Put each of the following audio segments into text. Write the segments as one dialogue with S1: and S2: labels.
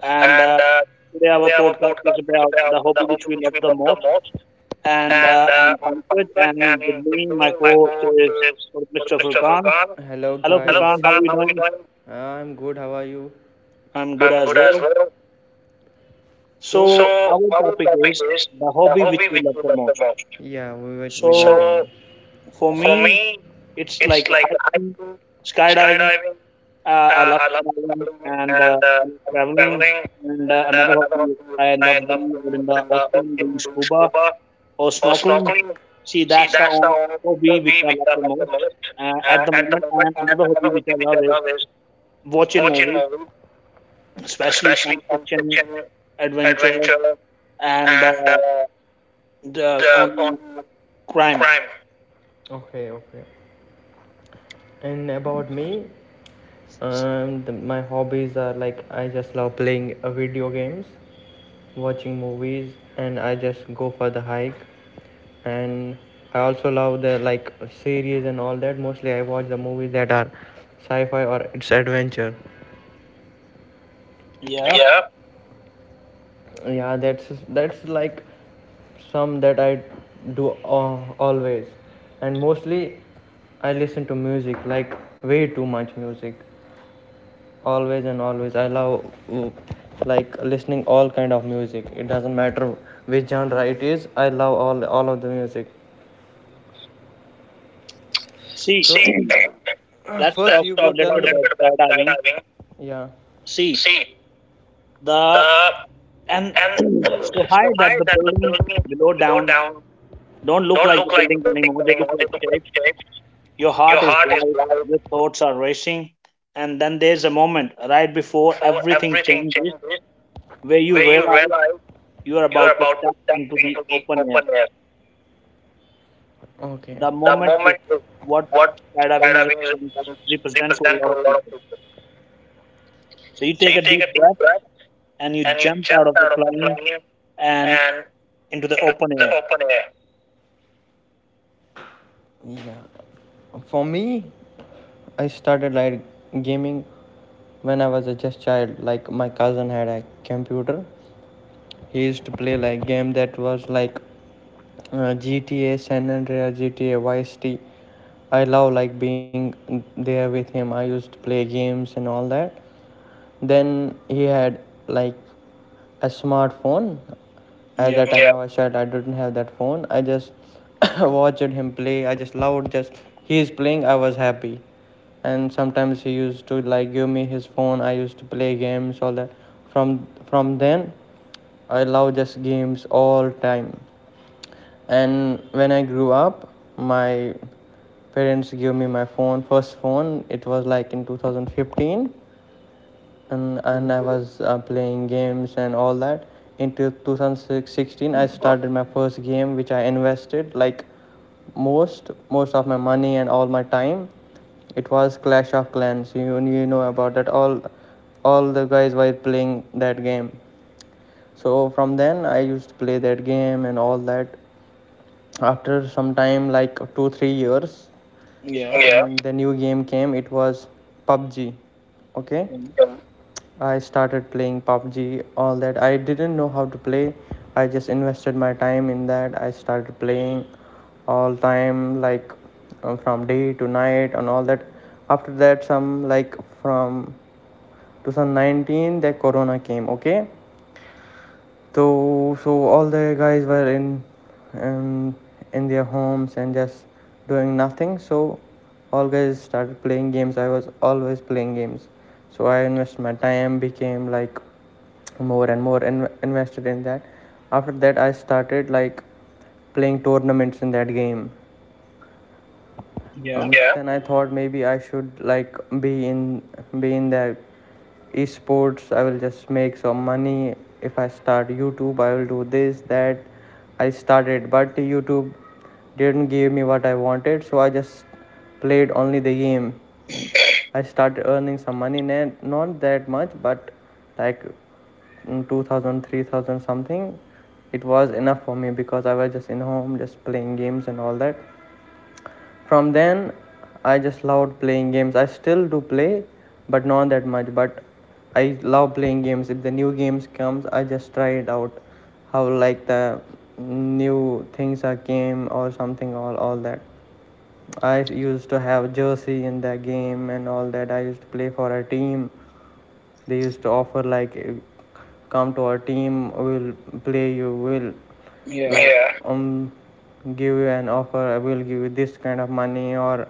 S1: And
S2: and
S1: Today our
S2: today our today
S1: podcast is about the
S2: is
S1: hobby which we love the
S2: the
S1: most.
S2: most,
S1: And
S2: and
S1: I'm
S2: I'm
S1: Pankaj,
S2: Pankaj,
S1: and with
S2: and
S1: me, my
S2: doing my
S1: co-host is
S2: is
S1: Mr. Furkan.
S2: Furkan. Hello
S1: Hello,
S2: guys. Hello,
S1: Furkan. How are you
S2: Furkan.
S1: doing?
S2: Uh, I'm good. How are you?
S1: I'm good
S2: I'm
S1: as
S2: good as
S1: well.
S2: well. So,
S1: So
S2: So,
S1: our
S2: our
S1: topic is the
S2: the
S1: hobby which
S2: hobby
S1: we
S2: which
S1: love the
S2: is the
S1: most.
S2: most. Yeah, we
S1: So
S2: love
S1: for
S2: for
S1: me,
S2: me,
S1: it's
S2: it's
S1: like
S2: like
S1: hiking, skydiving.
S2: skydiving
S1: I
S2: uh,
S1: love skydiving and
S2: and
S1: I love traveling.
S2: traveling,
S1: And
S2: and
S1: Another hobby
S2: another
S1: is I
S2: I
S1: love
S2: love
S1: going out in the
S2: in the
S1: ocean doing scuba
S2: Cuba
S1: or
S2: or
S1: snorkeling.
S2: snorkeling.
S1: See,
S2: See, that's the only
S1: hobby
S2: what
S1: which
S2: we
S1: I
S2: which
S1: love the
S2: the
S1: most
S2: most.
S1: at
S2: Uh,
S1: the
S2: and,
S1: moment. And
S2: and
S1: another hobby
S2: another
S1: which I love is watching
S2: watching
S1: movies,
S2: movie,
S1: especially
S2: especially
S1: science fiction,
S2: fiction,
S1: adventure,
S2: adventure,
S1: and
S2: and
S1: the on
S2: the on
S1: crime.
S2: crime. Okay, okay. And about me, my hobbies are like I just love playing video games, watching movies, and I just go for the hike. And I also love the like series and all that. Mostly I watch the movies that are sci-fi or it's adventure.
S1: Yeah.
S2: Yeah. Yeah, that's like some that I always, and mostly I listen to music, like way too much music, always and always. I love like listening all kind of music. It doesn't matter which genre it is, I love all of the music.
S1: See,
S2: So See,
S1: let's
S2: 1st
S1: talk
S2: you go
S1: about a little
S2: tell
S1: bit
S2: me
S1: about
S2: about,
S1: skydiving.
S2: yeah.
S1: See,
S2: See,
S1: the
S2: the
S1: and
S2: and
S1: so high
S2: so
S1: that
S2: I
S1: the
S2: that
S1: building below
S2: go
S1: down
S2: down.
S1: don't look
S2: Don't
S1: like the
S2: look like the
S1: buildings
S2: buildings
S1: anymore. They look
S2: anymore. They
S1: like
S2: look like
S1: shapes.
S2: church.
S1: Your
S2: Your
S1: heart is
S2: heart is
S1: light, your thoughts are racing, and then there's a moment right
S2: right
S1: before
S2: before
S1: everything
S2: everything
S1: changes
S2: changes,
S1: where you
S2: where you
S1: realize
S2: realize
S1: you are
S2: you are
S1: about to
S2: about to
S1: step
S2: step
S1: into the
S2: into the
S1: open air.
S2: open air. Okay.
S1: The
S2: The
S1: moment is
S2: moment is
S1: what
S2: what
S1: skydiving is
S2: skydiving is-
S1: represent to a
S2: represent
S1: lot
S2: to
S1: of
S2: a lot of
S1: people.
S2: people.
S1: So you
S2: So
S1: take
S2: you
S1: a
S2: take
S1: deep breath
S2: that
S1: and you
S2: and you
S1: jump out
S2: jump
S1: of the
S2: out of the
S1: plane
S2: plane
S1: and
S2: and
S1: into the
S2: into the
S1: open air.
S2: open air. Yeah. For me, I started like gaming when I was a just child. Like my cousin had a computer. He used to play like game that was like GTA San Andreas, GTA Vice City. I love like being there with him. I used to play games and all that. Then he had like a smartphone. At
S1: Yeah.
S2: that time, I was short. I didn't have that phone. I just watched him play. I just loved just he is playing. I was happy. And sometimes he used to like give me his phone. I used to play games all that. From then, I love just games all time. And when I grew up, my parents gave me my phone, first phone. It was like in 2015 and,
S1: Mhm.
S2: and I was playing games and all that. In 2016, I started my first game, which I invested like most of my money and all my time. It was Clash of Clans. You know about that. All the guys were playing that game. So from then, I used to play that game and all that. After some time, like 2 3 years,
S1: Yeah.
S2: yeah. And the new game came, it was PUBG. Okay.
S1: Mhm.
S2: Yeah. I started playing PUBG all that. I didn't know how to play, I just invested my time in that. I started playing all time like from day to night and all that. After that some like from 2019 the corona came. Okay. So all the guys were um, in their homes and just doing nothing. So all guys started playing games. I was always playing games. So I invested my time, became like more and more in- invested in that. After that I started like playing tournaments in that game.
S1: Yeah.
S2: Yeah. Then I thought maybe I should like be in that esports. I will just make some money if I start YouTube. I will do this that. I started, but YouTube didn't give me what I wanted, so I just played only the game. I started earning some money, na- not that much, but like 2,000, 3,000 something. It was enough for me because I was just in home, just playing games and all that. From then, I just loved playing games. I still do play, but not that much. But I love playing games. If the new games comes, I just try it out. How like the new things are came or something all that. I used to have jersey in the game and all that. I used to play for a team. They used to offer like, come to our team. We'll play you. We'll like,
S1: Yeah.
S2: yeah. Give you an offer. I will give you this kind of money, or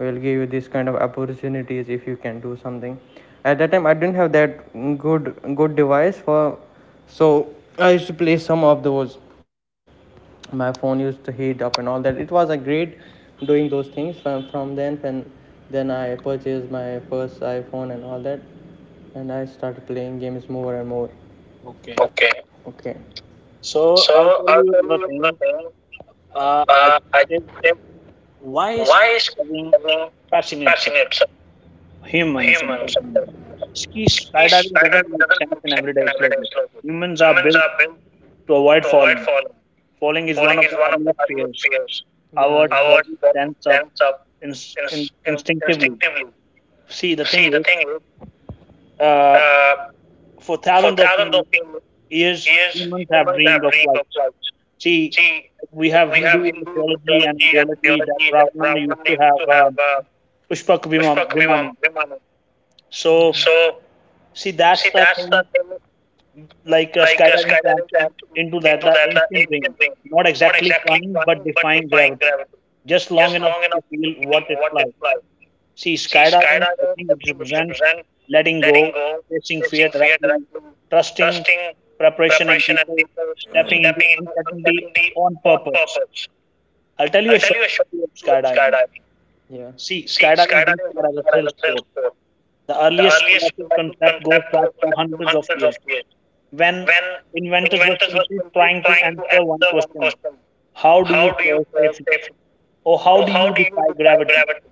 S2: will give you this kind of opportunities if you can do something. At that time, I didn't have that good good device for, so I used to play some of those. My phone used to heat up and all that. It was a great doing those things from then. Then I purchased my first iPhone and all that, and I started playing games more and more.
S1: Okay.
S2: Okay. Okay.
S1: So I'll
S2: So
S1: tell
S2: I'll
S1: you
S2: tell
S1: another
S2: you one
S1: thing.
S2: thing.
S1: I
S2: I
S1: said,
S2: think
S1: why is
S2: why is
S1: skydiving
S2: skydiving
S1: fascinates
S2: fascinates
S1: humans. I'm
S2: humans?
S1: talking. Ski
S2: Ski
S1: Skydiving doesn't
S2: Skydiving
S1: make
S2: doesn't
S1: sense
S2: make
S1: in
S2: sense
S1: everyday
S2: in everyday
S1: logic.
S2: life.
S1: Humans are
S2: Humans
S1: built
S2: are built.
S1: to avoid falling. Falling is one
S2: Falling
S1: of
S2: is
S1: the
S2: one of
S1: earliest
S2: the
S1: fears.
S2: fears.
S1: Our
S2: Yeah. Our
S1: body stands up
S2: sense of
S1: instinctively.
S2: instinctively.
S1: See, the thing
S2: See, the
S1: is,
S2: thing is,
S1: uh,
S2: uh,
S1: for
S2: for
S1: thousands of
S2: thousands of
S1: years,
S2: years,
S1: humans have
S2: humans have
S1: dreamed of
S2: dreamed
S1: flight.
S2: of flight.
S1: See,
S2: See,
S1: we have
S2: we have
S1: Hindu mythology and
S2: mythology and
S1: ideology that
S2: biology that
S1: Ravana
S2: like
S1: used to have
S2: to have
S1: Vimana.
S2: Vimanam. Okay.
S1: So,
S2: So
S1: see,
S2: See,
S1: that's the
S2: that's the
S1: thing
S2: thing,
S1: like
S2: like
S1: skydiving
S2: skydiving
S1: tapped
S2: that
S1: into that
S2: into that
S1: ancient
S2: is
S1: range, not
S2: not
S1: exactly
S2: exactly
S1: climbing but defying
S2: defined
S1: gravity, just long enough
S2: long
S1: to
S2: enough
S1: feel what it's
S2: what it
S1: like.
S2: implies.
S1: See,
S2: See,
S1: skydiving, I
S2: skydiving,
S1: think
S2: I
S1: it
S2: think it
S1: represents
S2: represents
S1: letting go,
S2: letting go,
S1: facing fear
S2: facing fear,
S1: directly, trusting,
S2: trusting
S1: preparation, and
S2: preparation, and
S1: people
S2: people
S1: stepping into
S2: stepping into
S1: uncertainty
S2: the
S1: on purpose.
S2: waters.
S1: I'll tell you
S2: I'll
S1: a
S2: tell
S1: short
S2: you
S1: story of
S2: about
S1: skydiving.
S2: skydiving. Yeah.
S1: See,
S2: See,
S1: skydiving didn't
S2: skydiving is
S1: start as a
S2: as
S1: thrill
S2: a thrill
S1: sport.
S2: sport.
S1: The
S2: The
S1: earliest
S2: earliest
S1: classic
S2: flight
S1: concept goes
S2: that
S1: back to
S2: goes
S1: hundreds of
S2: hundreds of
S1: years
S2: years.
S1: when
S2: When
S1: inventors were
S2: inventors
S1: simply
S2: were
S1: trying to
S2: trying to
S1: answer
S2: end.
S1: one question. How do
S2: How
S1: you
S2: do you
S1: fall safely?
S2: safely?
S1: Or how do
S2: How
S1: you
S2: do you
S1: defy
S2: defy
S1: gravity?
S2: gravity?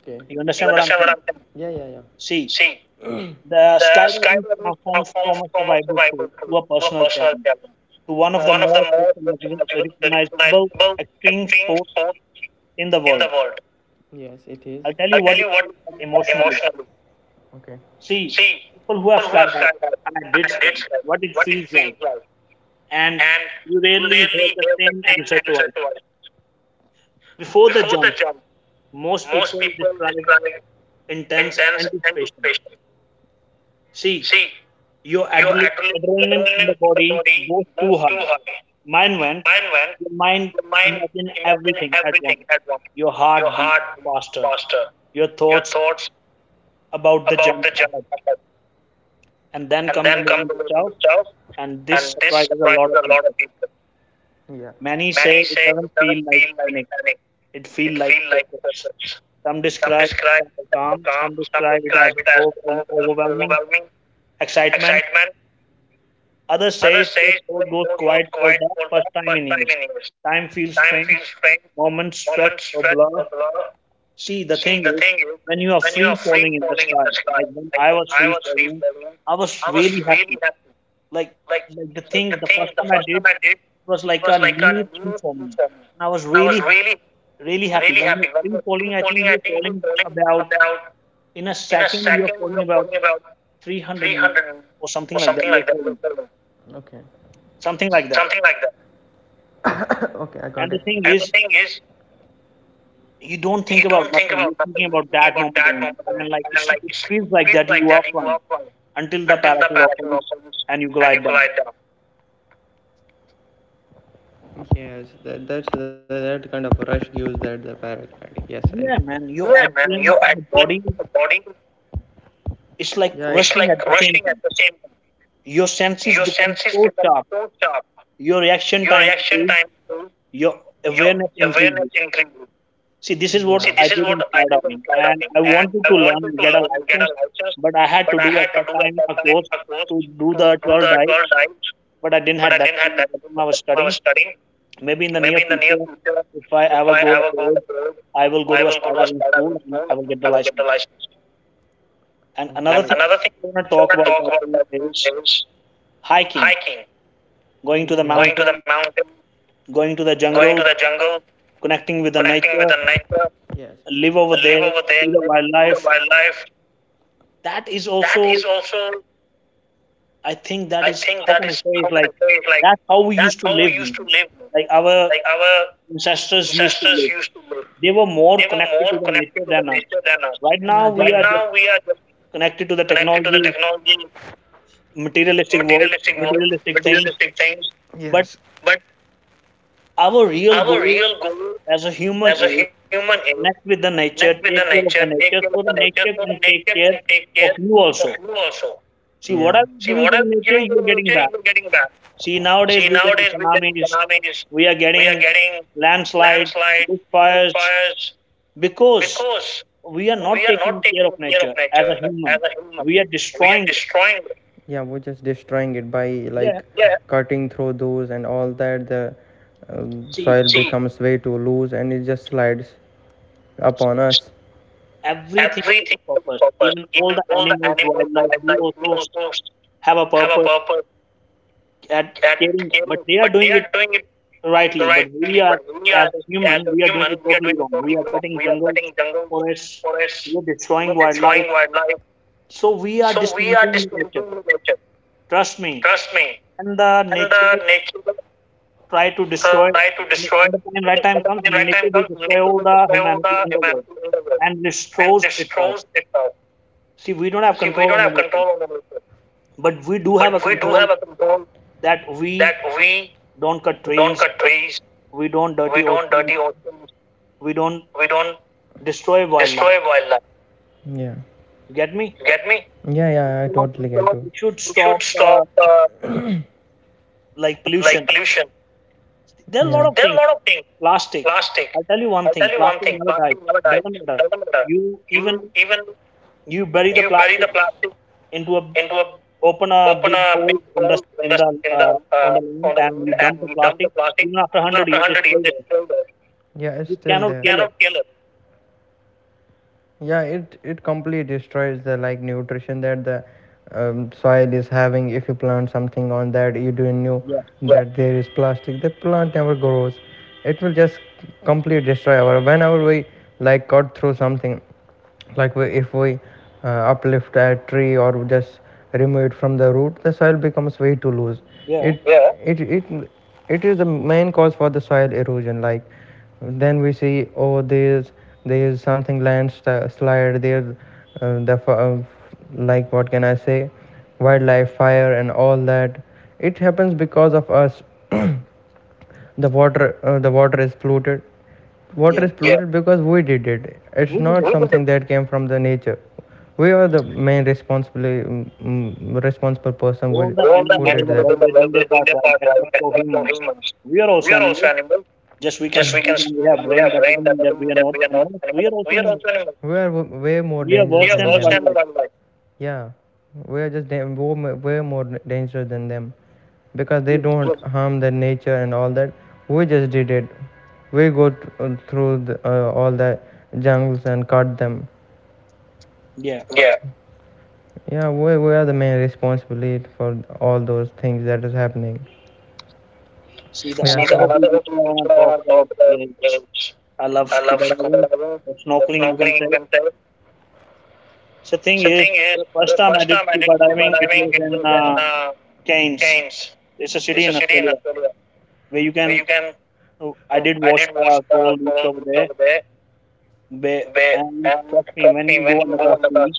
S2: Okay.
S1: You
S2: You
S1: understand what I'm
S2: understand what
S1: saying?
S2: I'm saying? Yeah, yeah, yeah.
S1: See,
S2: See,
S1: the
S2: the
S1: skydiving
S2: skydiving
S1: transforms from
S2: transforms
S1: a
S2: from a
S1: survival tool
S2: survival
S1: to a
S2: to a
S1: personal
S2: personal
S1: challenge
S2: challenge
S1: to one
S2: to
S1: of the
S2: one of the most
S1: recognizable
S2: recognizable
S1: extreme
S2: extreme
S1: sports
S2: sports
S1: in the
S2: in the
S1: world.
S2: world. Yes, it is.
S1: I'll tell you
S2: I'll tell
S1: what it
S2: you what it
S1: feels like
S2: is
S1: emotionally.
S2: emotionally. Okay.
S1: See,
S2: See,
S1: people who have
S2: people who have
S1: skydived,
S2: skydiving
S1: and I
S2: and
S1: did
S2: I did
S1: skydive, what it
S2: skydiving, it
S1: feels like.
S2: feels like,
S1: And
S2: and
S1: you
S2: you
S1: rarely hear
S2: rarely
S1: the
S2: hear the
S1: same
S2: same
S1: answer
S2: answer
S1: twice.
S2: to it.
S1: Before the
S2: Before the
S1: jump,
S2: jump,
S1: most
S2: most
S1: people
S2: people
S1: describe
S2: describe
S1: intense
S2: intense
S1: anticipation.
S2: anticipation.
S1: See,
S2: See,
S1: Your
S2: your
S1: adre- adrenaline in the
S2: adrenaline
S1: body
S2: body,
S1: goes too high. Mine
S2: mind
S1: went.
S2: went,
S1: Your
S2: your
S1: mind
S2: mind
S1: imagine
S2: imagine
S1: everything at
S2: everything
S1: once.
S2: at once.
S1: Your
S2: Your
S1: heart beats
S2: heart beats
S1: faster.
S2: faster,
S1: Your
S2: your
S1: thoughts
S2: thoughts
S1: about the jump
S2: the jump,
S1: ahead. And then
S2: and
S1: come the
S2: then come
S1: moment
S2: the movement
S1: itself.
S2: itself.
S1: And this
S2: And this
S1: surprises a lot
S2: surprises
S1: of
S2: a lot
S1: people.
S2: of people. Yeah.
S1: Many say
S2: Many
S1: it
S2: say
S1: doesn't
S2: it doesn't
S1: feel
S2: feel
S1: like
S2: like
S1: panic.
S2: panic.
S1: It feels
S2: It
S1: like
S2: feels like
S1: focus.
S2: stress.
S1: Some
S2: Some
S1: describe it
S2: describe
S1: as a
S2: the
S1: calm.
S2: calm,
S1: Some
S2: some
S1: describe it
S2: describe
S1: as
S2: it as
S1: overwhelming
S2: overwhelming
S1: excitement.
S2: excitement.
S1: Others say
S2: Others
S1: their
S2: say
S1: thought goes
S2: poor
S1: quiet
S2: tooth
S1: for
S2: quiet
S1: the
S2: for the
S1: first time
S2: first
S1: in
S2: time
S1: years.
S2: in years.
S1: Time feels
S2: Time feels
S1: strange,
S2: strange,
S1: moment,
S2: moments
S1: stretch, or
S2: stretch or
S1: blur.
S2: blur.
S1: See, the
S2: See,
S1: thing
S2: the
S1: is,
S2: thing is,
S1: when you are
S2: when you
S1: free
S2: are free
S1: falling in the
S2: falling in
S1: sky,
S2: the sky,
S1: like when I was
S2: I
S1: free
S2: was free
S1: falling,
S2: falling.
S1: I was
S2: I was
S1: really happy.
S2: really,
S1: Like, like the
S2: I
S1: thing, the first
S2: think the
S1: time I
S2: first time
S1: did
S2: I did
S1: was like a
S2: was like a,
S1: new thing for me, and I was
S2: I was
S1: really,
S2: really,
S1: really happy.
S2: really
S1: When
S2: happy.
S1: you're free falling, I
S2: Falling,
S1: think
S2: I
S1: you're
S2: think you're
S1: falling
S2: falling
S1: about,
S2: about,
S1: in a
S2: in a
S1: second, you're
S2: second,
S1: falling
S2: you're
S1: about
S2: falling about
S1: 300 m-
S2: 300
S1: or something
S2: or
S1: like that.
S2: something like
S1: You're
S2: that.
S1: falling,
S2: Okay.
S1: something like that.
S2: Something like okay, I got it.
S1: And the
S2: And
S1: thing
S2: the thing
S1: is,
S2: is,
S1: you don't
S2: he
S1: think
S2: don't
S1: about
S2: think
S1: nothing.
S2: about
S1: You're thinking about
S2: thinking
S1: that
S2: about that
S1: moment only,
S2: moment,
S1: and like
S2: and then,
S1: it's,
S2: like
S1: it
S2: it
S1: feels like
S2: feels
S1: that
S2: like
S1: you
S2: that
S1: are flying until the
S2: until the
S1: parachute
S2: parachute
S1: opens
S2: opens
S1: and you
S2: and you
S1: glide down.
S2: glide down. Yes, that kind of rush gives that the paragliding. Yes, I
S1: Yeah, man,
S2: know.
S1: your
S2: Yeah, man, your
S1: adrenaline in the
S2: adrenaline,
S1: body
S2: in the body,
S1: is like
S2: yeah, it's
S1: rushing at
S2: like
S1: the same
S2: rushing at
S1: time.
S2: the same time.
S1: Your senses
S2: Your
S1: become
S2: senses
S1: so sharp,
S2: sharp,
S1: your reaction
S2: your
S1: time
S2: reaction
S1: improves,
S2: time,
S1: your
S2: your
S1: awareness
S2: awareness
S1: increases.
S2: increases.
S1: See, this is what I
S2: Is
S1: did
S2: what
S1: in
S2: I did in
S1: skydiving, and
S2: skydiving.
S1: I
S2: And
S1: wanted to
S2: I
S1: learn and
S2: wanted to
S1: get a
S2: learn and get
S1: license,
S2: a license,
S1: but I had to
S2: but
S1: do
S2: I
S1: at
S2: had
S1: that
S2: to do
S1: time
S2: at that
S1: a
S2: time
S1: course
S2: a course
S1: to do
S2: to
S1: the
S2: do
S1: 12
S2: the
S1: dives,
S2: 12 dives,
S1: but I didn't
S2: but
S1: have
S2: I
S1: that
S2: didn't have
S1: time. At
S2: that
S1: that time I
S2: time
S1: was
S2: I
S1: studying.
S2: was studying.
S1: Maybe in the near
S2: Maybe in the near
S1: future,
S2: future,
S1: if I
S2: if
S1: ever
S2: I
S1: go
S2: ever go,
S1: abroad, I will go to a
S2: go to a
S1: skydiving school
S2: skydiving
S1: and I
S2: school,
S1: will
S2: I think
S1: get the
S2: I will get the
S1: license.
S2: license.
S1: And
S2: Okay.
S1: another
S2: And
S1: thing
S2: another thing
S1: I want to
S2: I
S1: talk
S2: want to
S1: about that
S2: talk about
S1: is
S2: that is
S1: hiking,
S2: hiking,
S1: going to the
S2: yeah. Going to the
S1: mountains,
S2: mountain,
S1: going to the
S2: going to
S1: jungle,
S2: the jungle,
S1: connecting with the
S2: connecting with
S1: nature,
S2: the nature, yes.
S1: live over there,
S2: Live over
S1: see the
S2: there,
S1: wildlife.
S2: wildlife.
S1: That is
S2: That
S1: also,
S2: is also
S1: I think, that
S2: I
S1: is
S2: think
S1: how
S2: that
S1: can I
S2: is
S1: say
S2: how
S1: it?
S2: can I
S1: Like
S2: say it like
S1: that's how we used to
S2: how
S1: live,
S2: we used
S1: man.
S2: to live.
S1: Like our
S2: Our
S1: ancestors used to
S2: ancestors
S1: live.
S2: used to live
S1: They were more connected
S2: more
S1: to the nature
S2: connected
S1: than us.
S2: than us.
S1: Right now, we
S2: Right
S1: are just
S2: now we are just
S1: connected to the
S2: connected to the
S1: technology,
S2: technology,
S1: materialistic world,
S2: materialistic world,
S1: materialistic things.
S2: materialistic things.
S1: But
S2: Yes. But
S1: our real
S2: our
S1: goal
S2: real goal
S1: as a human
S2: as a
S1: is
S2: human is
S1: connect with the nature,
S2: with the
S1: take care of
S2: nature,
S1: the
S2: take
S1: nature,
S2: care of
S1: so the
S2: the nature,
S1: nature
S2: so to
S1: can
S2: make
S1: take care
S2: take
S1: of
S2: care
S1: you
S2: of
S1: also.
S2: you also.
S1: See, what are
S2: Yeah.
S1: you
S2: See
S1: giving
S2: what
S1: to the
S2: I'm
S1: nature,
S2: giving to
S1: you are getting back.
S2: people, getting back.
S1: See, nowadays
S2: See,
S1: we get
S2: nowadays we get
S1: tsunamis,
S2: tsunamis,
S1: we are
S2: we
S1: getting
S2: are getting
S1: landslide, big
S2: landslides, big
S1: fires,
S2: fires,
S1: because
S2: because
S1: we are not
S2: we are
S1: taking
S2: not
S1: care of
S2: taking care
S1: nature
S2: of
S1: as a
S2: nature as
S1: human.
S2: a human.
S1: We are
S2: We are
S1: destroying it.
S2: destroying it. Yeah, we're just destroying it by
S1: Yeah,
S2: like yeah, cutting through those and all that. The
S1: see,
S2: soil See, becomes way too loose and it just slides upon us.
S1: everything has
S2: Everything
S1: a
S2: has a
S1: purpose.
S2: purpose.
S1: Even all
S2: Even
S1: the
S2: all the
S1: animals,
S2: animals,
S1: wildlife, they
S2: wildlife, we
S1: also
S2: also
S1: have a
S2: have a
S1: purpose
S2: purpose
S1: at
S2: that
S1: caring, but
S2: caring,
S1: they are
S2: but
S1: doing
S2: they are
S1: it rightly, but
S2: rightly,
S1: we
S2: but
S1: are,
S2: we are,
S1: as a
S2: as a
S1: human we are doing
S2: human,
S1: it
S2: we are
S1: totally
S2: doing it
S1: wrong. We
S2: totally
S1: are
S2: wrong.
S1: cutting
S2: We are
S1: jungles,
S2: cutting jungles,
S1: forests, we
S2: forests,
S1: are
S2: you know,
S1: destroying wildlife,
S2: destroying wildlife.
S1: so we are
S2: So we are
S1: dismantling the
S2: destroying
S1: nature.
S2: nature.
S1: Trust me,
S2: Trust me,
S1: and the nature
S2: the nature will
S1: try to destroy
S2: try to destroy,
S1: when the time right time comes.
S2: when right time
S1: Nature will
S2: comes,
S1: destroy
S2: nature
S1: all
S2: will
S1: the
S2: destroy all
S1: humanity
S2: the
S1: in the world
S2: humanity in the world
S1: and
S2: and
S1: destroys itself.
S2: destroys itself.
S1: See, we don't have
S2: We
S1: control
S2: don't
S1: on the
S2: have
S1: nature,
S2: control over nature,
S1: but we do
S2: but
S1: have a
S2: we do
S1: control
S2: have a control
S1: that
S2: that
S1: we
S2: we
S1: don't cut
S2: don't
S1: trees,
S2: cut trees,
S1: we don't
S2: we
S1: dirty
S2: don't
S1: oceans,
S2: dirty oceans,
S1: we don't
S2: we don't
S1: destroy wildlife.
S2: destroy wildlife. Yeah.
S1: You get me?
S2: Get me? Yeah, yeah, I
S1: stop-
S2: totally get so, you.
S1: we should
S2: We
S1: stop,
S2: should
S1: uh,
S2: stop
S1: like, pollution.
S2: like pollution.
S1: There are a lot
S2: Yeah,
S1: of
S2: there are a
S1: things.
S2: lot of things.
S1: Plastic.
S2: Plastic.
S1: I'll tell you one
S2: I'll
S1: thing.
S2: tell you one
S1: Plastic
S2: thing.
S1: never dies.
S2: Plastic never dies.
S1: Doesn't matter.
S2: Doesn't matter.
S1: You even,
S2: You even
S1: you bury the
S2: you bury
S1: plastic
S2: the plastic
S1: into a,
S2: into a
S1: open a
S2: open
S1: big
S2: a big
S1: hole in the
S2: hole
S1: in the
S2: in the
S1: uh, on the
S2: on
S1: land
S2: the
S1: and
S2: land
S1: you dump
S2: and
S1: the
S2: you dump the
S1: plastic.
S2: plastic.
S1: Even after
S2: Even
S1: hundred
S2: after a
S1: years, it's
S2: hundred years,
S1: still
S2: it's
S1: there.
S2: still there. Yeah, it's
S1: You
S2: still
S1: cannot
S2: there. You
S1: kill it.
S2: cannot kill it. Yeah, it completely destroys the like nutrition that the soil is having. If you plant something on that you didn't know
S1: Yeah,
S2: that there is plastic, the plant never grows. It will just completely destroy our whenever we like cut through something. Like if we uplift a tree or just remove it from the root, the soil becomes way too loose.
S1: yeah,
S2: It Yeah. It is the main cause for the soil erosion. Like, then we see, oh, there's something, landslide there, the like, what can I say, wildlife fire and all that. It happens because of us. The water is polluted water
S1: yeah.
S2: is polluted Yeah. Because we did it. It's
S1: We did
S2: not
S1: it.
S2: something that came from the nature. We are the main responsible, responsible person who,
S1: All the
S2: All the who
S1: animals in
S2: did
S1: the world they're doing their
S2: that.
S1: part right, except for humans. We are
S2: We
S1: also
S2: are also
S1: animals.
S2: animals.
S1: Just we can
S2: Just we can
S1: speak and we have
S2: we
S1: brain.
S2: have
S1: That
S2: brain,
S1: doesn't
S2: that
S1: mean that
S2: doesn't
S1: we
S2: mean
S1: are
S2: that
S1: not
S2: we are not
S1: animals. We are
S2: animals.
S1: also
S2: We are
S1: animals.
S2: also animals. We are way more
S1: We are
S2: dangerous. We are
S1: worse
S2: than
S1: than
S2: them,
S1: the
S2: watched and
S1: wildlife.
S2: wildlife. Yeah, we are just way more dangerous than them because they
S1: Yeah.
S2: don't harm the nature and all that. We just did it. We go through all the jungles and cut them.
S1: Yeah.
S2: Yeah. Yeah, we are the main responsibility for all those things that is happening.
S1: See, the
S2: Yeah, see,
S1: another hobby
S2: another
S1: which I
S2: thing which
S1: want
S2: I
S1: to talk
S2: want to
S1: about
S2: talk about
S1: is
S2: is
S1: I love
S2: I love
S1: scuba
S2: scuba
S1: diving,
S2: diving,
S1: or
S2: the
S1: snorkeling, you can
S2: snorkeling
S1: say.
S2: you can tell.
S1: So, thing
S2: So
S1: is,
S2: thing is,
S1: the first
S2: the
S1: time I
S2: first
S1: did
S2: time I did
S1: scuba
S2: scuba
S1: diving, it
S2: diving,
S1: was
S2: it
S1: in
S2: was in
S1: Cairns.
S2: Cairns.
S1: It's a city
S2: It's a
S1: in
S2: city in
S1: Australia
S2: Australia
S1: where you
S2: where
S1: can.
S2: you can.
S1: I
S2: So
S1: did
S2: I
S1: watch
S2: did
S1: the coral reefs
S2: coral
S1: over
S2: beach
S1: there,
S2: over there,
S1: where,
S2: where
S1: and
S2: and
S1: trust me,
S2: trust
S1: when
S2: me,
S1: you
S2: when
S1: go
S2: you
S1: under
S2: go
S1: the
S2: under the
S1: sea,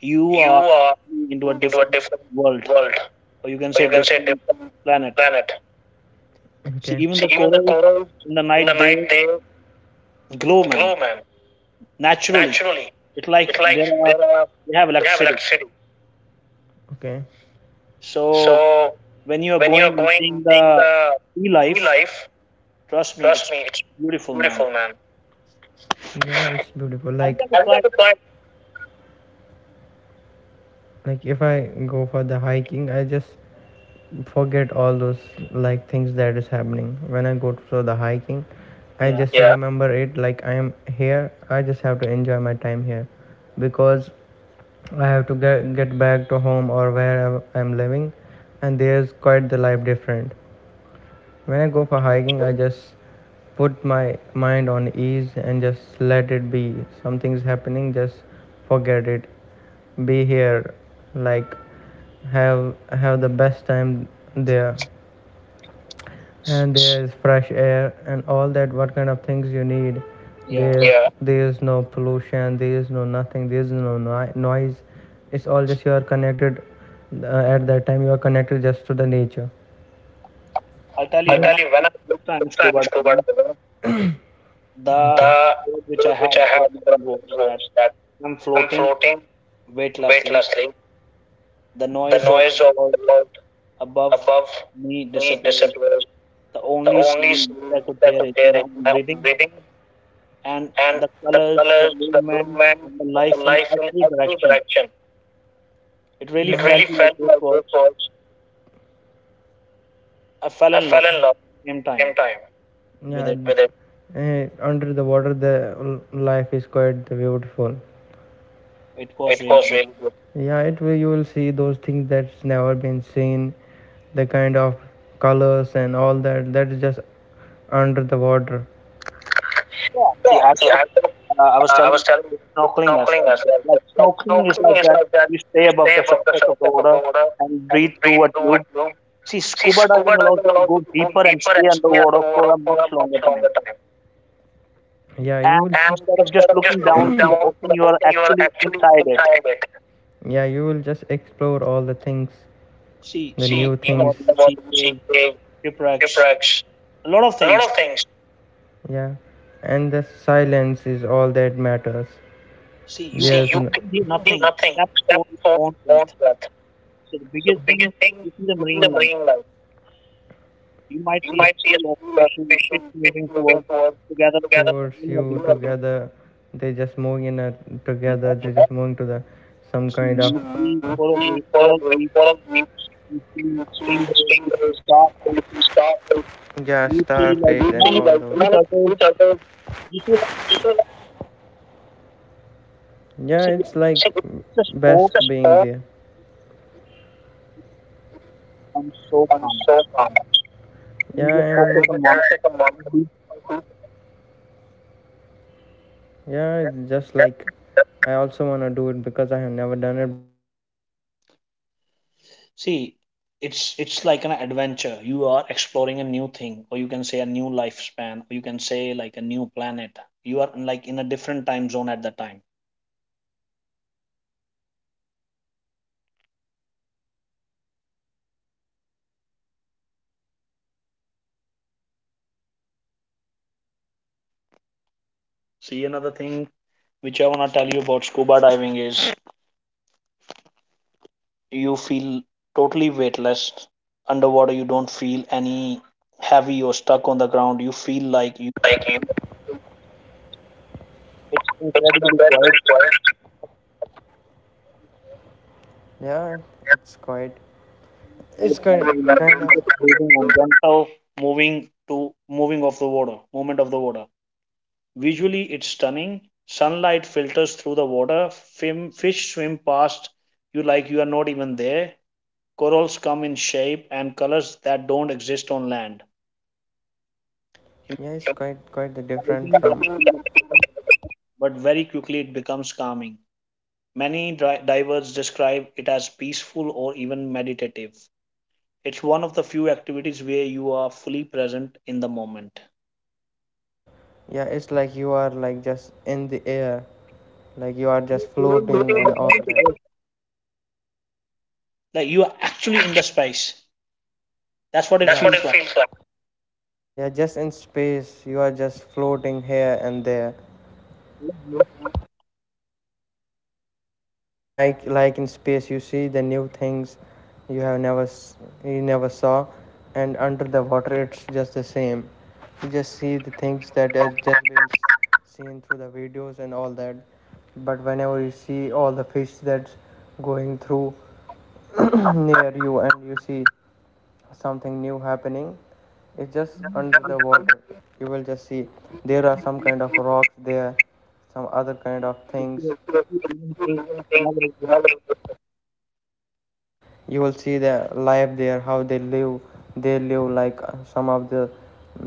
S1: you
S2: sea, you
S1: are
S2: are
S1: into a
S2: into a
S1: different
S2: different
S1: world,
S2: world,
S1: or you can
S2: or
S1: say
S2: you can say
S1: different
S2: different
S1: planet.
S2: planet.
S1: See,
S2: Okay.
S1: even
S2: See,
S1: the
S2: even the
S1: corals
S2: corals
S1: in the
S2: in the
S1: night they
S2: night they
S1: glow, man,
S2: glow, man,
S1: naturally.
S2: naturally.
S1: It's like
S2: It's like
S1: there are
S2: there are
S1: they have
S2: have
S1: electricity.
S2: luxury. Okay.
S1: So
S2: So
S1: when you are
S2: when you
S1: going
S2: are
S1: and
S2: going
S1: seeing
S2: in
S1: the
S2: the
S1: sea
S2: sea
S1: life,
S2: life,
S1: trust me,
S2: trust
S1: it's
S2: me, it's
S1: beautiful, man.
S2: beautiful, man. Yeah, it's beautiful.
S1: Have you
S2: Like
S1: ever tried?
S2: like if I go for the hiking, I just forget all those, like, things that is happening. When I go for the hiking, I
S1: Yeah,
S2: just, yeah, remember it like I am here. I just have to enjoy my time here because I have to get back to home or where I'm living, and there's quite the life different. When I go for
S1: true.
S2: hiking, I just put my mind on ease and just let it be. Something's happening, just forget it. Be here, like have the best time there.
S1: S-
S2: And there is fresh air and all that. What kind of things you need?
S1: yeah.
S2: There, yeah, there is no pollution. There is no nothing. There is no noise. It's all just you are connected. At that time, you are connected just to the nature.
S1: I'll tell you
S2: I
S1: when
S2: tell
S1: I
S2: you, when
S1: did
S2: I
S1: this time
S2: took time
S1: scuba
S2: scuba
S1: diving,
S2: diving,
S1: the
S2: the
S1: thought which I
S2: thought which
S1: had
S2: I
S1: for a
S2: had from
S1: moment
S2: the
S1: was that
S2: was that
S1: I'm
S2: I'm
S1: floating
S2: floating
S1: weightlessly.
S2: weightlessly.
S1: The
S2: The
S1: noise of
S2: noise
S1: the
S2: of
S1: world
S2: the world
S1: above
S2: above
S1: me
S2: me
S1: disappears.
S2: disappears.
S1: The
S2: The
S1: only
S2: only
S1: sound which I
S2: sound
S1: could
S2: that
S1: hear
S2: is
S1: is
S2: there
S1: my
S2: is
S1: own
S2: my own
S1: breathing
S2: breathing
S1: and
S2: and
S1: the
S2: the
S1: colors, the
S2: colors, the
S1: movement,
S2: movement,
S1: and the
S2: and the
S1: life in
S2: life in
S1: every
S2: every
S1: direction.
S2: direction.
S1: It
S2: Yeah.
S1: really
S2: It, yeah, really
S1: felt like
S2: felt
S1: this
S2: like
S1: was.
S2: this was.
S1: I fell
S2: I
S1: in love
S2: fell in love
S1: same
S2: at the
S1: time
S2: same time,
S1: with
S2: yeah,
S1: it.
S2: with it. eh, Under the water, the life is quite beautiful.
S1: It was
S2: It
S1: really
S2: was
S1: good.
S2: really good. Yeah, it will, you will see those things that's never been seen, the kind of colors and all that. That is just under the water.
S1: Yeah. See,
S2: Yeah,
S1: I,
S2: see,
S1: thought,
S2: I, uh,
S1: I was
S2: I
S1: telling
S2: was
S1: you with snorkeling as
S2: snorkeling
S1: well.
S2: as
S1: But
S2: well.
S1: like
S2: Like
S1: snorkeling is like
S2: snorkeling is
S1: that.
S2: like that.
S1: You stay above
S2: Stay
S1: the
S2: above the
S1: surface of the
S2: surface of
S1: water
S2: the water,
S1: and breathe
S2: breathe.
S1: through a tube. See,
S2: See,
S1: scuba
S2: scuba
S1: diving allows
S2: diving
S1: you to
S2: allows
S1: go
S2: you to go
S1: deeper and
S2: deeper
S1: stay
S2: and stay under
S1: underwater for a much
S2: much
S1: longer time.
S2: longer time. Yeah, you will.
S1: And
S2: And
S1: instead of just
S2: instead of just
S1: looking down to the
S2: down,
S1: ocean, you are actually inside it.
S2: yeah, you will just explore all the things,
S1: See,
S2: the see,
S1: even
S2: new
S1: in the
S2: things
S1: water, you
S2: about
S1: see caves,
S2: CPA,
S1: shipwrecks,
S2: Ciprex,
S1: a lot of
S2: a lot
S1: things.
S2: of things. Yeah, and the silence is all that matters.
S1: See,
S2: There's
S1: you can
S2: See, you
S1: do
S2: can do
S1: nothing
S2: nothing
S1: except
S2: except
S1: for
S2: for
S1: your own
S2: your own
S1: breath.
S2: breath.
S1: So the
S2: So the
S1: biggest thing,
S2: biggest thing
S1: you see the
S2: within the
S1: marine life.
S2: marine life,
S1: You might
S2: you
S1: see a
S2: might see a
S1: school of
S2: school of fish,
S1: fish moving
S2: moving
S1: towards
S2: towards
S1: together
S2: together, towards
S1: like an
S2: you
S1: organism.
S2: together. They just moving in a
S1: You
S2: together, they just moving to the some
S1: so
S2: kind of
S1: you
S2: to
S1: see
S2: meet me.
S1: coral reef, you see stingrays, you see starfish,
S2: Yeah,
S1: you see like
S2: Starface
S1: you
S2: and
S1: know,
S2: all
S1: sea
S2: like,
S1: turtles.
S2: those.
S1: You see, like,
S2: Yeah,
S1: see, it,
S2: it's like
S1: it's a
S2: best
S1: sport,
S2: being there.
S1: becomes so calm,
S2: So,
S1: and you
S2: yeah,
S1: just
S2: and
S1: focus on one thing.
S2: yeah, it's just like I also want to do it because I have never done it. But whenever I see someone being in the
S1: See,
S2: deep, in the
S1: it's
S2: waters,
S1: like an
S2: and
S1: adventure.
S2: exploring
S1: You
S2: all
S1: are
S2: their
S1: exploring a
S2: things,
S1: new thing, or you
S2: enjoying
S1: can
S2: the
S1: say a new
S2: time in that,
S1: lifespan, or you
S2: like
S1: can say like a new planet.
S2: seeing the new
S1: You are
S2: things,
S1: like
S2: new
S1: in a
S2: kind of
S1: different time zone at the
S2: structure
S1: time.
S2: that's under the water. That's something that everybody should explore because on on the surface everybody has saw what kind of things.
S1: See, another
S2: Oh,
S1: thing
S2: wait.
S1: which I want to tell you about scuba diving is you feel totally weightless underwater. You don't feel any heavy or stuck on the ground. You feel like you.
S2: Like,
S1: It's incredibly quiet.
S2: yeah, it's quite.
S1: You
S2: It's kind of,
S1: just breathing on gentle moving to moving of the water, movement of the water. Visually, it's stunning. Sunlight filters through the water. Fish swim past you like you are not even there. Corals come in shape and colors that don't exist on land.
S2: yeah. It's quite the different
S1: Diving can
S2: from,
S1: feel exciting, but very quickly it becomes calming. Many divers describe it as peaceful or even meditative. It's one of the few activities where you are fully present in the moment.
S2: yeah. It's like you are like just in the air, like you are
S1: You're
S2: just
S1: feeling the
S2: floating and
S1: space,
S2: all
S1: haven't
S2: that.
S1: you? Like you are
S2: You,
S1: actually in the space. That's what it
S2: that's, yeah, what
S1: feels
S2: it
S1: like.
S2: feels like. You're just in space. You are just floating here and there.
S1: Yeah, you
S2: Like in space, you see the new things you have never you never saw, and under the water, it's just the same. You just see the things that has just been seen through the videos and all that. But whenever you see all the fish that's going through near you, and you see something new happening, it's just
S1: can
S2: under the
S1: multitask.
S2: water. You will just see there are some kind of
S1: If
S2: rocks there, some other kind of things.
S1: if you even think never existed.
S2: You will see their life there, how they live. They live like some of the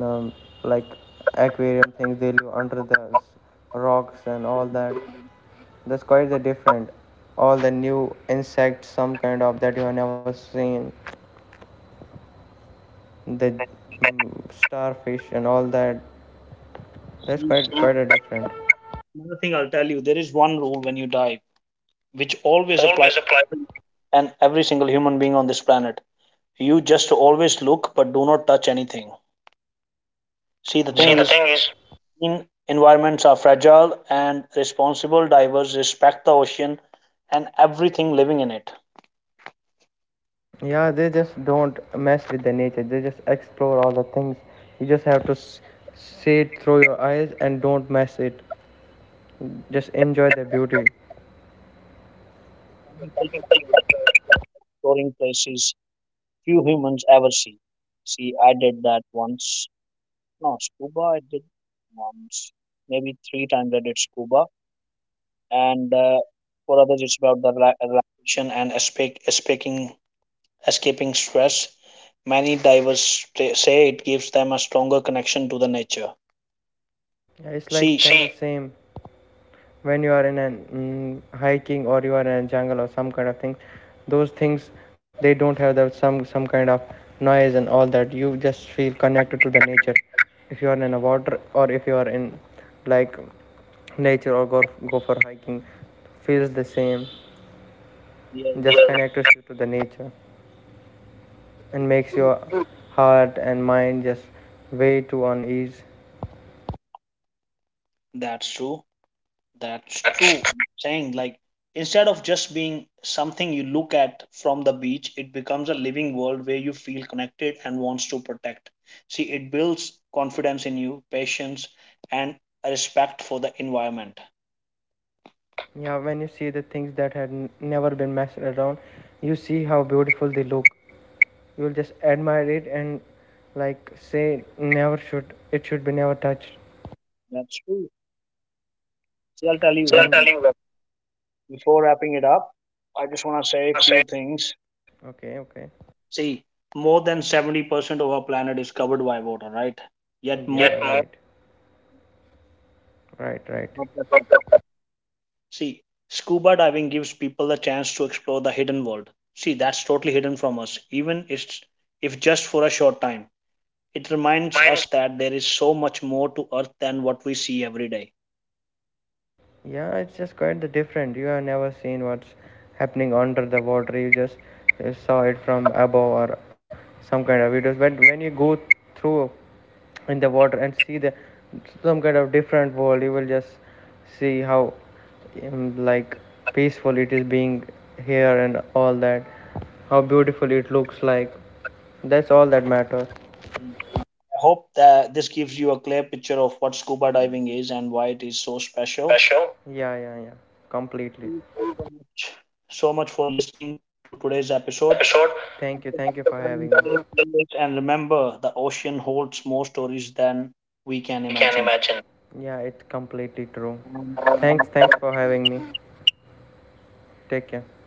S2: um, like aquarium things, they live under the rocks and all that. That's quite the different. All the new insects, some kind of, that you have never seen. The starfish and all that, that's quite a different.
S1: Another thing I'll tell you, there is one rule when you dive, which
S2: Which
S1: always applies
S2: always
S1: to
S2: apply.
S1: and every single human being on this planet. You just always look, but do not touch anything. See, the
S2: See,
S1: thing
S2: the
S1: is,
S2: thing is,
S1: marine environments are fragile, and responsible divers respect the ocean and everything living in it.
S2: yeah, they just don't mess with the nature. They just explore all the things. You just have to see it through your eyes and don't mess it. Just enjoy the beauty.
S1: Some people prefer exploring places few humans ever see. See, I did that once. No, scuba, I did once. Maybe three times I did scuba. And For others, it's about the relaxation and escape, escaping stress. Many divers say it gives them a stronger connection to the nature.
S2: Yeah, it's like
S1: See,
S2: kind same when you are in hiking or you are in a jungle or some kind of thing. Those things they don't have that some kind of noise and all that. You just feel connected to the nature. If you are in a water or if you are in like nature or go for hiking, feels the same.
S1: yeah,
S2: Just connects you to the nature and makes your heart and mind just way too on ease.
S1: that's true. That's true.
S2: That's,
S1: I'm saying like instead of just being something you look at from the beach, it becomes a living world where you feel connected and wants to protect. See, it builds confidence in you, patience, and a respect for the environment.
S2: yeah, when you see the things that had never been messed around. You see how beautiful they look. You'll just admire it and, like, say, never should, it should be never touched.
S1: That's true. See, I'll tell you one thing.
S2: Certainly, what
S1: Before wrapping it up, I just want to
S2: I
S1: say
S2: just
S1: a
S2: want to
S1: few
S2: say.
S1: things.
S2: Okay, okay.
S1: See, more than 70% of our planet is covered by water, right? Yet more.
S2: Yeah, right, right, right. It
S1: See, scuba diving gives people the chance to explore the hidden world. See, that's totally hidden from us, even it's, if just for a short time. It reminds
S2: reminds
S1: us that there is so much more to Earth than what we see every day.
S2: Yeah, it's just quite the different. You have never seen what's happening under the water. You just saw it from above or some kind of videos. But when you go through in the water and see the some kind of different world, you will just see how like peaceful it is being here and all that. How beautiful it looks like. That's all that matters.
S1: I hope that this gives you a clear picture of what scuba diving is and why it is so special.
S2: Special. Yeah, yeah, yeah. Completely.
S1: Thank you so much, so much for listening to today's
S2: This
S1: episode.
S2: episode. Thank you. Thank you for having
S1: Absolutely. Stay
S2: me.
S1: on. And remember, the ocean holds more stories than we can
S2: We can
S1: imagine.
S2: imagine. Yeah, it's completely true.
S1: And
S2: Thanks,
S1: that
S2: thanks for having me. Take care.